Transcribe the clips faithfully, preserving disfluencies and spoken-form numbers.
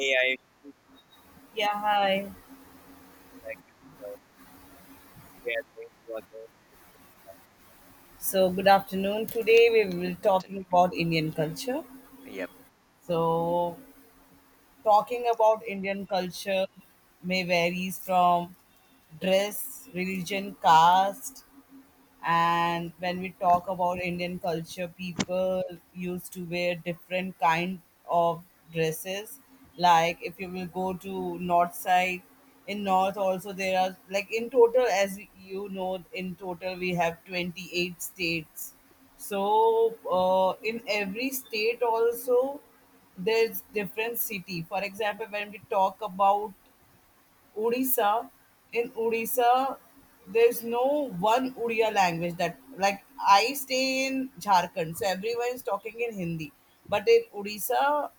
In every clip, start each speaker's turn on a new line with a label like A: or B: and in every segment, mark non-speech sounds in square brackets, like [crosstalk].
A: A I
B: Yeah, hi.
A: show we are going to again
B: So, good afternoon. Today we will be
A: discuss
B: talking
A: after.
B: about Indian culture.
A: Yep.
B: So, Talking about Indian culture may varies from dress, religion, caste, and when we talk about indian culture people used to wear different kind of dresses. Like if you will go to north side, in north also there are, like in total, as you know, in total we have twenty-eight states, so uh, in every state also there's different city. For example, when we talk about Odisha. In Odisha, there's no one Odia language, that like I stay in Jharkhand, so everyone is talking in Hindi. But in Odisha,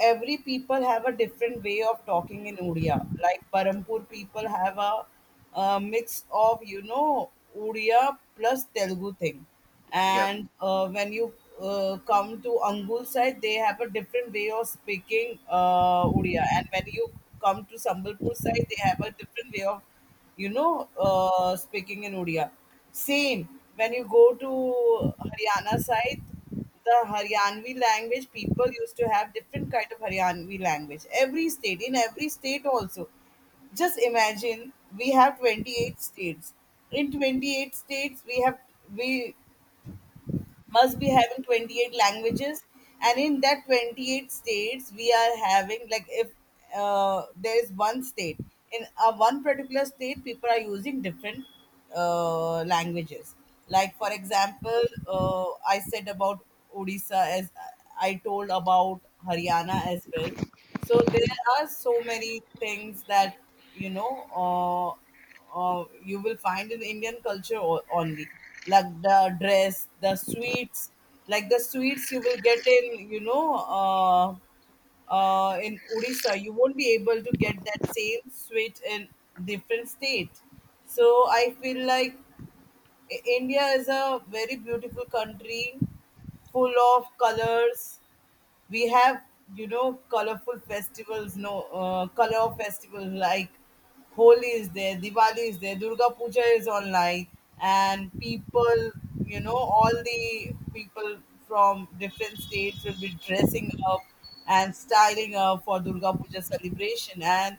B: every people have a different way of talking in Odia. Like Parampur people have a uh mix of, you know, Odia plus Telugu thing,
A: Yep.
B: and uh, when you uh, come to Angul side, they have a different way of speaking uh, Odia, and when you come to Sambalpur side, they have a different way of, you know, uh, speaking in Odia. Same when you go to Haryana side, the Haryanvi language, people used to have different kind of Haryanvi language. Every state, in every state also. Just imagine we have twenty-eight states. In twenty-eight states, we have we must be having twenty-eight languages, and in that twenty-eight states we are having, like if uh, there is one state, in a one particular state people are using different uh, languages. Like for example uh, I said about odisha, as I told about haryana as well. So there are so many things that, you know. Uh, uh, you will find in Indian culture o- only. Like the dress, the sweets, like the sweets you will get in, you know, uh, uh, in Odisha. You won't be able to get that same sweet in different state. So I feel like I- India is a very beautiful country, full of colors. We have, you know, colorful festivals, no uh, color festivals like holi is there, diwali is there, durga puja is online, and people, you know, all the people from different states will be dressing up and styling up for durga puja celebration. And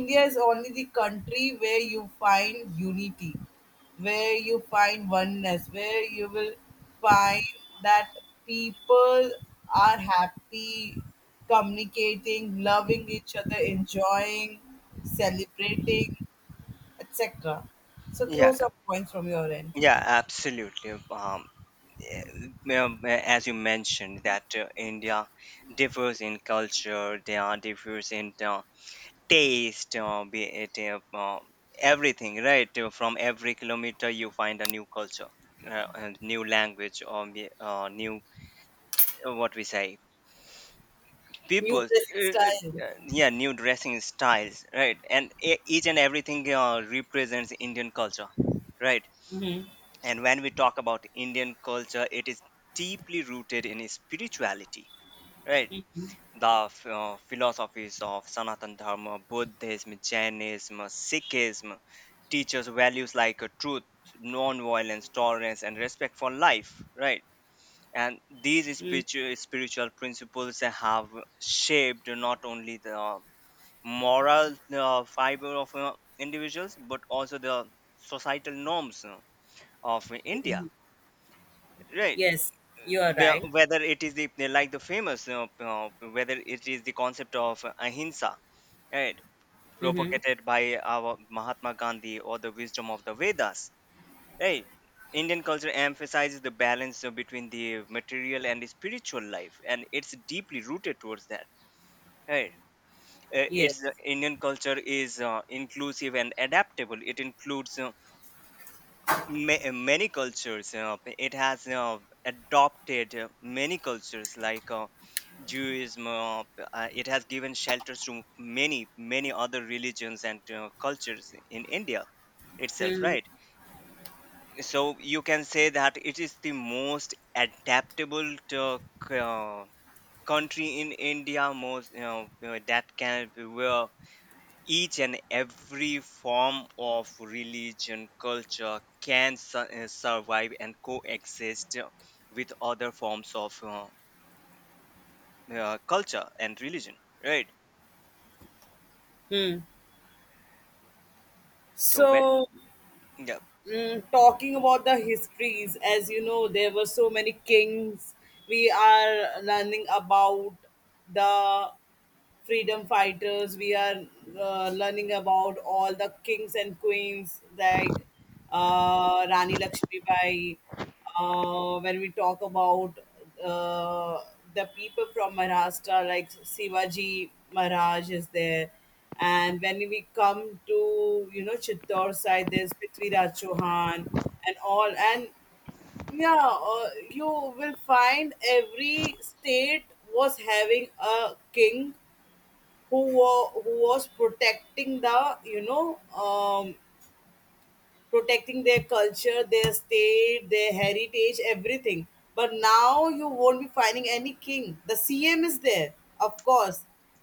B: india is only the country where you find unity, where you find oneness, where you will find that people are happy, communicating, loving each other, enjoying, celebrating, et cetera. So throw
A: Yeah.
B: some points from your end.
A: Yeah. Absolutely. Um. eh, well, eh, as you mentioned, that uh, India differs in culture. They are differs in uh, taste. Uh, be it uh, uh, everything, right? Uh, From every kilometer, you find a new culture, uh, and new language, or be- uh, new uh, what we say
B: New
A: people
B: dressing
A: uh, uh,
B: style.
A: yeah, new dressing styles, right. And e- each and everything uh, represents Indian culture, right.
B: Mm-hmm.
A: And when we talk about Indian culture, it is deeply rooted in spirituality, right. The f- uh, philosophies of Sanatan Dharma, Buddhism, Jainism, Sikhism teaches values like uh, truth, non-violence, tolerance and respect for life, right. And these spiritual spiritual principles have shaped not only the moral uh, fiber of uh, individuals, but also the societal norms uh, of India, right.
B: Yes, you are
A: The-
B: right.
A: whether it is the, like, the famous uh, uh, whether it is the concept of ahimsa, right, propagated by our Mahatma Gandhi or the wisdom of the Vedas. Hey, Indian culture emphasizes the balance uh, between the material and the spiritual life, and it's deeply rooted towards that. Right? Uh,
B: Yes.
A: It's uh, Indian culture is uh, inclusive and adaptable. It includes uh, ma- uh, many cultures. Uh, it has uh, adopted uh, many cultures like uh, Judaism. Uh, uh, it has given shelters to many, many other religions and uh, cultures in India itself. Right? So you can say that it is the most adaptable to, uh, country in India, most you know uh, that can, where each and every form of religion culture can su- uh, survive and coexist uh, with other forms of uh, uh, culture and religion, right.
B: Hmm.
A: so when
B: So,
A: Yeah,
B: mm, talking about the histories, as you know there were so many kings. We are learning about the freedom fighters, we are uh, learning about all the kings and queens, like uh, rani lakshmibai. Uh, when we talk about, uh, the people from maharashtra, like sivaji maharaj is there, and when we come to, you know, chittor side, there's prithviraj chauhan and all. And yeah, uh, you will find every state was having a king who were, who was protecting the, you know, um, protecting their culture, their state, their heritage, everything. But now you won't be finding any king. The C M is there, of course.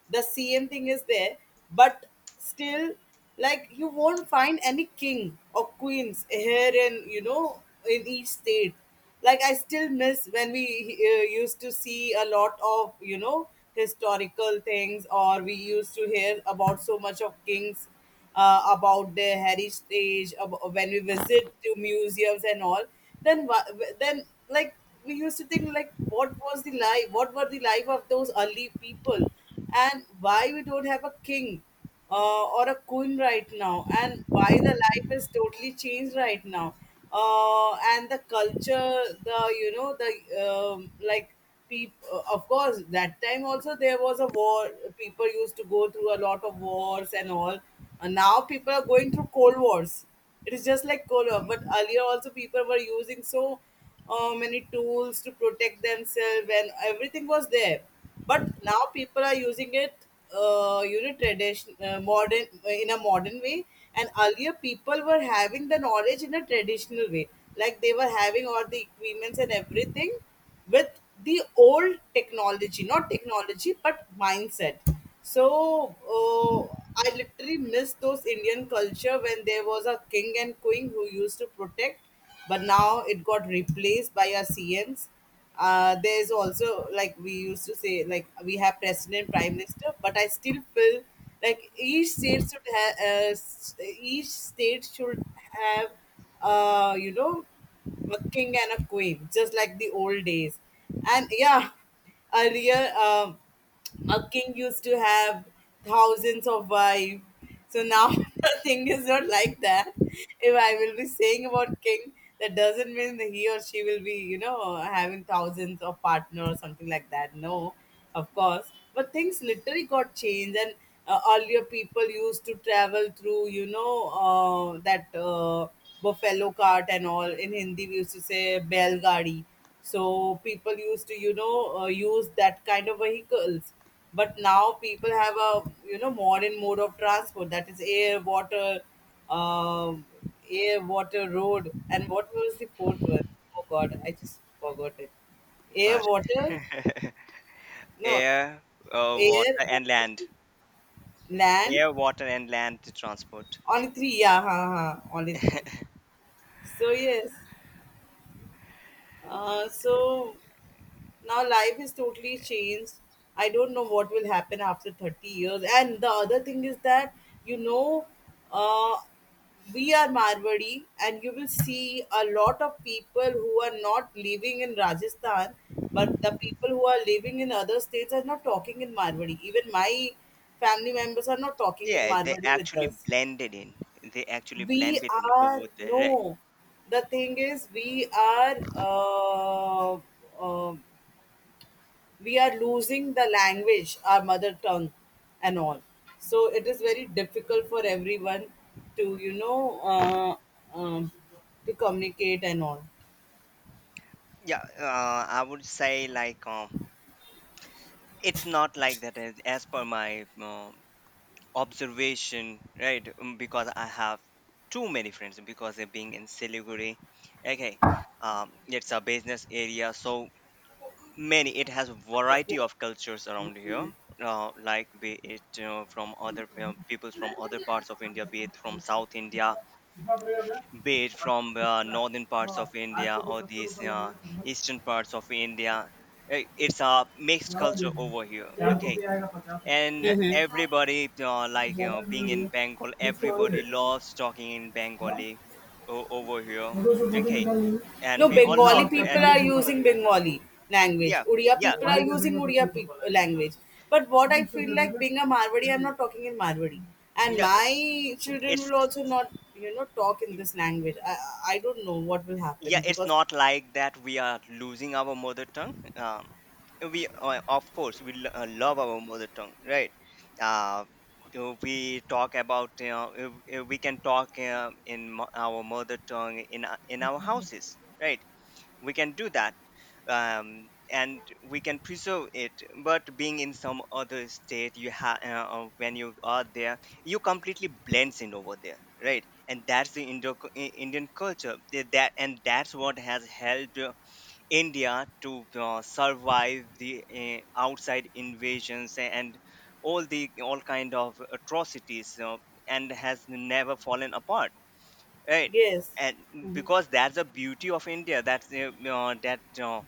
B: The C M thing is there, but still, like you won't find any king or queens here in, you know, in each state. Like I still miss when we uh, used to see a lot of, you know, historical things, or we used to hear about so much of kings, uh, about their heritage about, when we visit to museums and all, then wha- then like we used to think like what was the life, what were the life of those early people, and why we don't have a king uh, or a queen right now, and why the life is totally changed right now, uh, and the culture, the, you know, the um, like people, of course that time also there was a war, people used to go through a lot of wars and all. And now people are going through cold wars. It is just like cold war. But earlier also people were using so uh, many tools to protect themselves and everything was there. But now people are using it, uh, you know, tradition, uh, modern in a modern way. And earlier people were having the knowledge in a traditional way, like they were having all the equipments and everything with the old technology, not technology, but mindset. So uh, I literally miss those Indian culture when there was a king and queen who used to protect, but now it got replaced by our C Ms. Uh, there's also like we used to say like we have president, prime minister, but I still feel like each state should have uh, s- each state should have uh, you know, a king and a queen, just like the old days. And yeah, earlier. Um, a king used to have thousands of wives. So now [laughs] the thing is not like that. If I will be saying about king, that doesn't mean that he or she will be, you know, having thousands of partners or something like that. No, of course. But things literally got changed, and uh, earlier people used to travel through, you know, uh, that uh, buffalo cart and all. In Hindi, we used to say bell gadi. So people used to, you know, uh, use that kind of vehicles. But now people have a, you know, modern mode of transport, that is air, water, um, air, water, road. And what was the fourth one? Oh God, I just forgot it. Air,
A: but
B: water,
A: [laughs]
B: no,
A: air uh,
B: air,
A: water
B: water,
A: and land
B: land.
A: air, water and land transport.
B: Only three, yeah, ha, ha, only three. So yes, uh, so now life is totally changed. I don't know what will happen after thirty years. And the other thing is that, you know, uh, we are Marwari, and you will see a lot of people who are not living in Rajasthan, but the people who are living in other states are not talking in Marwari. Even my family members are not talking in
A: Yeah, they
B: Marwari with
A: actually
B: us.
A: blended in. They actually
B: We
A: blended in
B: are,
A: over there. Right.
B: no, the thing is, we are. Uh, uh, we are losing the language, our mother tongue, and all. So it is very difficult for everyone to, you know, uh, um, to communicate and all.
A: Yeah, uh, I would say, like, um, it's not like that, as, as per my um observation, right? um, Because I have too many friends because they're being in Siliguri. Okay. Um, it's a business area, so many. It has a variety of cultures around here, uh, like, be it uh, from other uh, peoples from other parts of India, be it from South India, be it from uh, northern parts of India, or these uh, eastern parts of India. i- It's a mixed culture over here, okay? And
B: Mm-hmm.
A: everybody, uh, like, you know, being in Bengal, everybody loves talking in Bengali o- over here, okay? And
B: No,
A: we all
B: Bengali
A: love it.
B: people
A: And
B: are using Bengali language.
A: yeah,
B: Odia
A: yeah,
B: people are using Odia pe- language. But what I feel like being a Marwadi, I'm not talking in Marwadi. And
A: no,
B: my children
A: it's
B: will also not, you know, talk in this language. I, I don't know what will
A: yeah
B: happen
A: it's
B: because,
A: not like that we are losing our mother tongue. um, we uh, Of course we lo- uh, love our mother tongue, right. uh, uh, we talk about you know uh, uh, We can talk uh, in mo- our mother tongue in our- in our houses, right. We can do that. Um, and we can preserve it, but being in some other state, you have uh, uh, when you are there, you completely blends in over there, right. And that's the Indo- I- indian culture. Th- that and that's what has helped uh, India to uh, survive the uh, outside invasions and all the all kind of atrocities, uh, and has never fallen apart, right.
B: yes.
A: And because that's the beauty of India, that's uh, uh, that uh,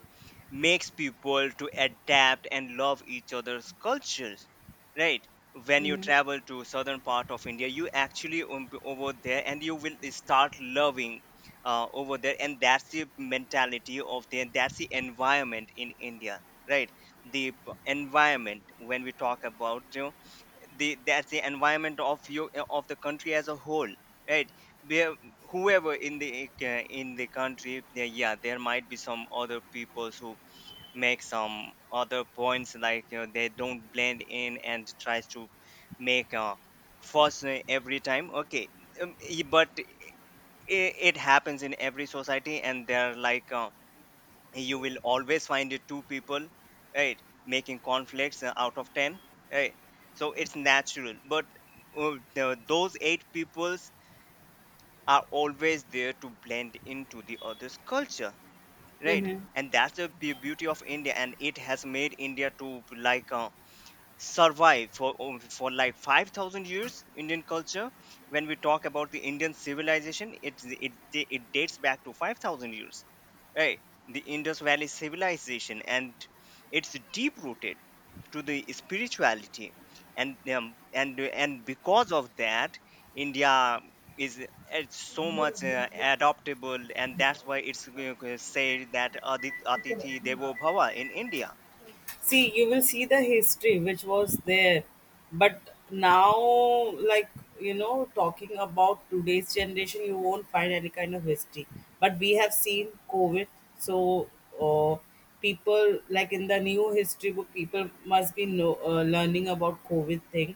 A: makes people to adapt and love each other's cultures, right. When you
B: Mm-hmm.
A: travel to southern part of India, you actually um, b- over there, and you will start loving uh, over there. And that's the mentality of the that's the environment in India, right. The p- environment when we talk about you the that's the environment of you eh, of the country as a whole, right. Where whoever in the uh, in the country, there, yeah, there might be some other peoples who make some other points, like, you know, they don't blend in and tries to make a fuss uh, every time, okay. Um, e- but it, it happens in every society, and they're like, uh, you will always find it two people, right, making conflicts uh, out of ten, right. So it's natural, but uh, the- those eight peoples are always there to blend into the other's culture, right.
B: Mm-hmm.
A: And that's the be- beauty of India, and it has made India to, like, uh, survive for um, for like five thousand years. Indian culture, when we talk about the Indian civilization, it it it dates back to five thousand years, right. The Indus Valley civilization, and it's deep rooted to the spirituality. And um, and and because of that, india is it's so much uh, adoptable. And that's why it's uh, say that Adit- atithi devo bhava in India.
B: See, you will see the history which was there, but now, like, you know, talking about today's generation, you won't find any kind of history, but we have seen covid. So uh, people, like in the new history book people must be know, uh, learning about covid thing,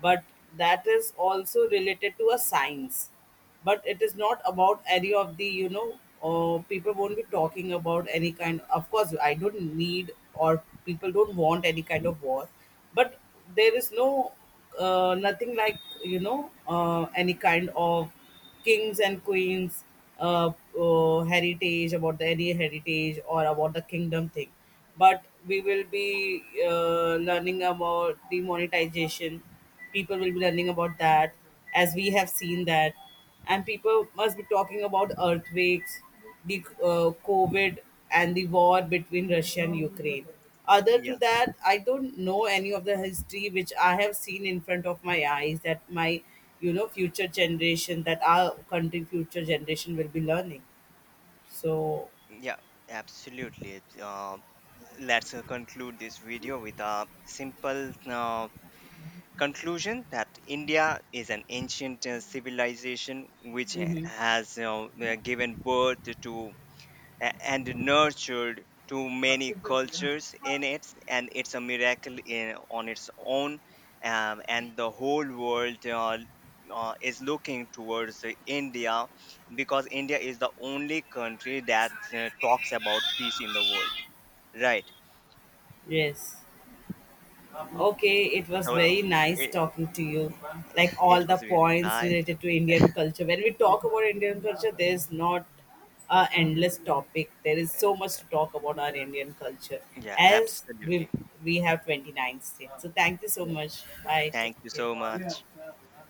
B: but that is also related to a science, but it is not about any of the, you know, uh, people won't be talking about any kind of course. I don't need or people don't want any kind of war, but there is no uh, nothing like, you know, uh, any kind of kings and queens, uh, uh, heritage about the, any heritage or about the kingdom thing. But we will be uh, learning about demonetization, people will be learning about that, as we have seen that. And people must be talking about earthquakes, the uh, COVID, and the war between Russia and Ukraine. Other to
A: Yeah.
B: that, I don't know any of the history which I have seen in front of my eyes that my, you know, future generation, that our country future generation will be learning. So,
A: Yeah, absolutely. It's, Uh, let's uh, conclude this video with a simple uh, conclusion, that India is an ancient uh, civilization which uh,
B: mhm,
A: has you uh, given birth to a- and nurtured to many cultures in it, and it's a miracle in, on its own. Um, and the whole world uh, uh, is looking towards uh, India, because India is the only country that uh, talks about peace in the world, right.
B: yes. Okay, it was
A: So it,
B: very nice
A: it,
B: talking to you.
A: [sighs]
B: Like
A: [laughs] it
B: all the
A: was really
B: points
A: nice to.
B: related to Indian culture. When we talk about Indian culture, there's not a endless topic. There is so much to talk about our Indian culture,
A: Yeah,
B: as we
A: absolutely.
B: we have twenty-nine states. So thank you so
A: Yeah,
B: much. Bye.
A: thank
B: Take
A: you so much.
B: care.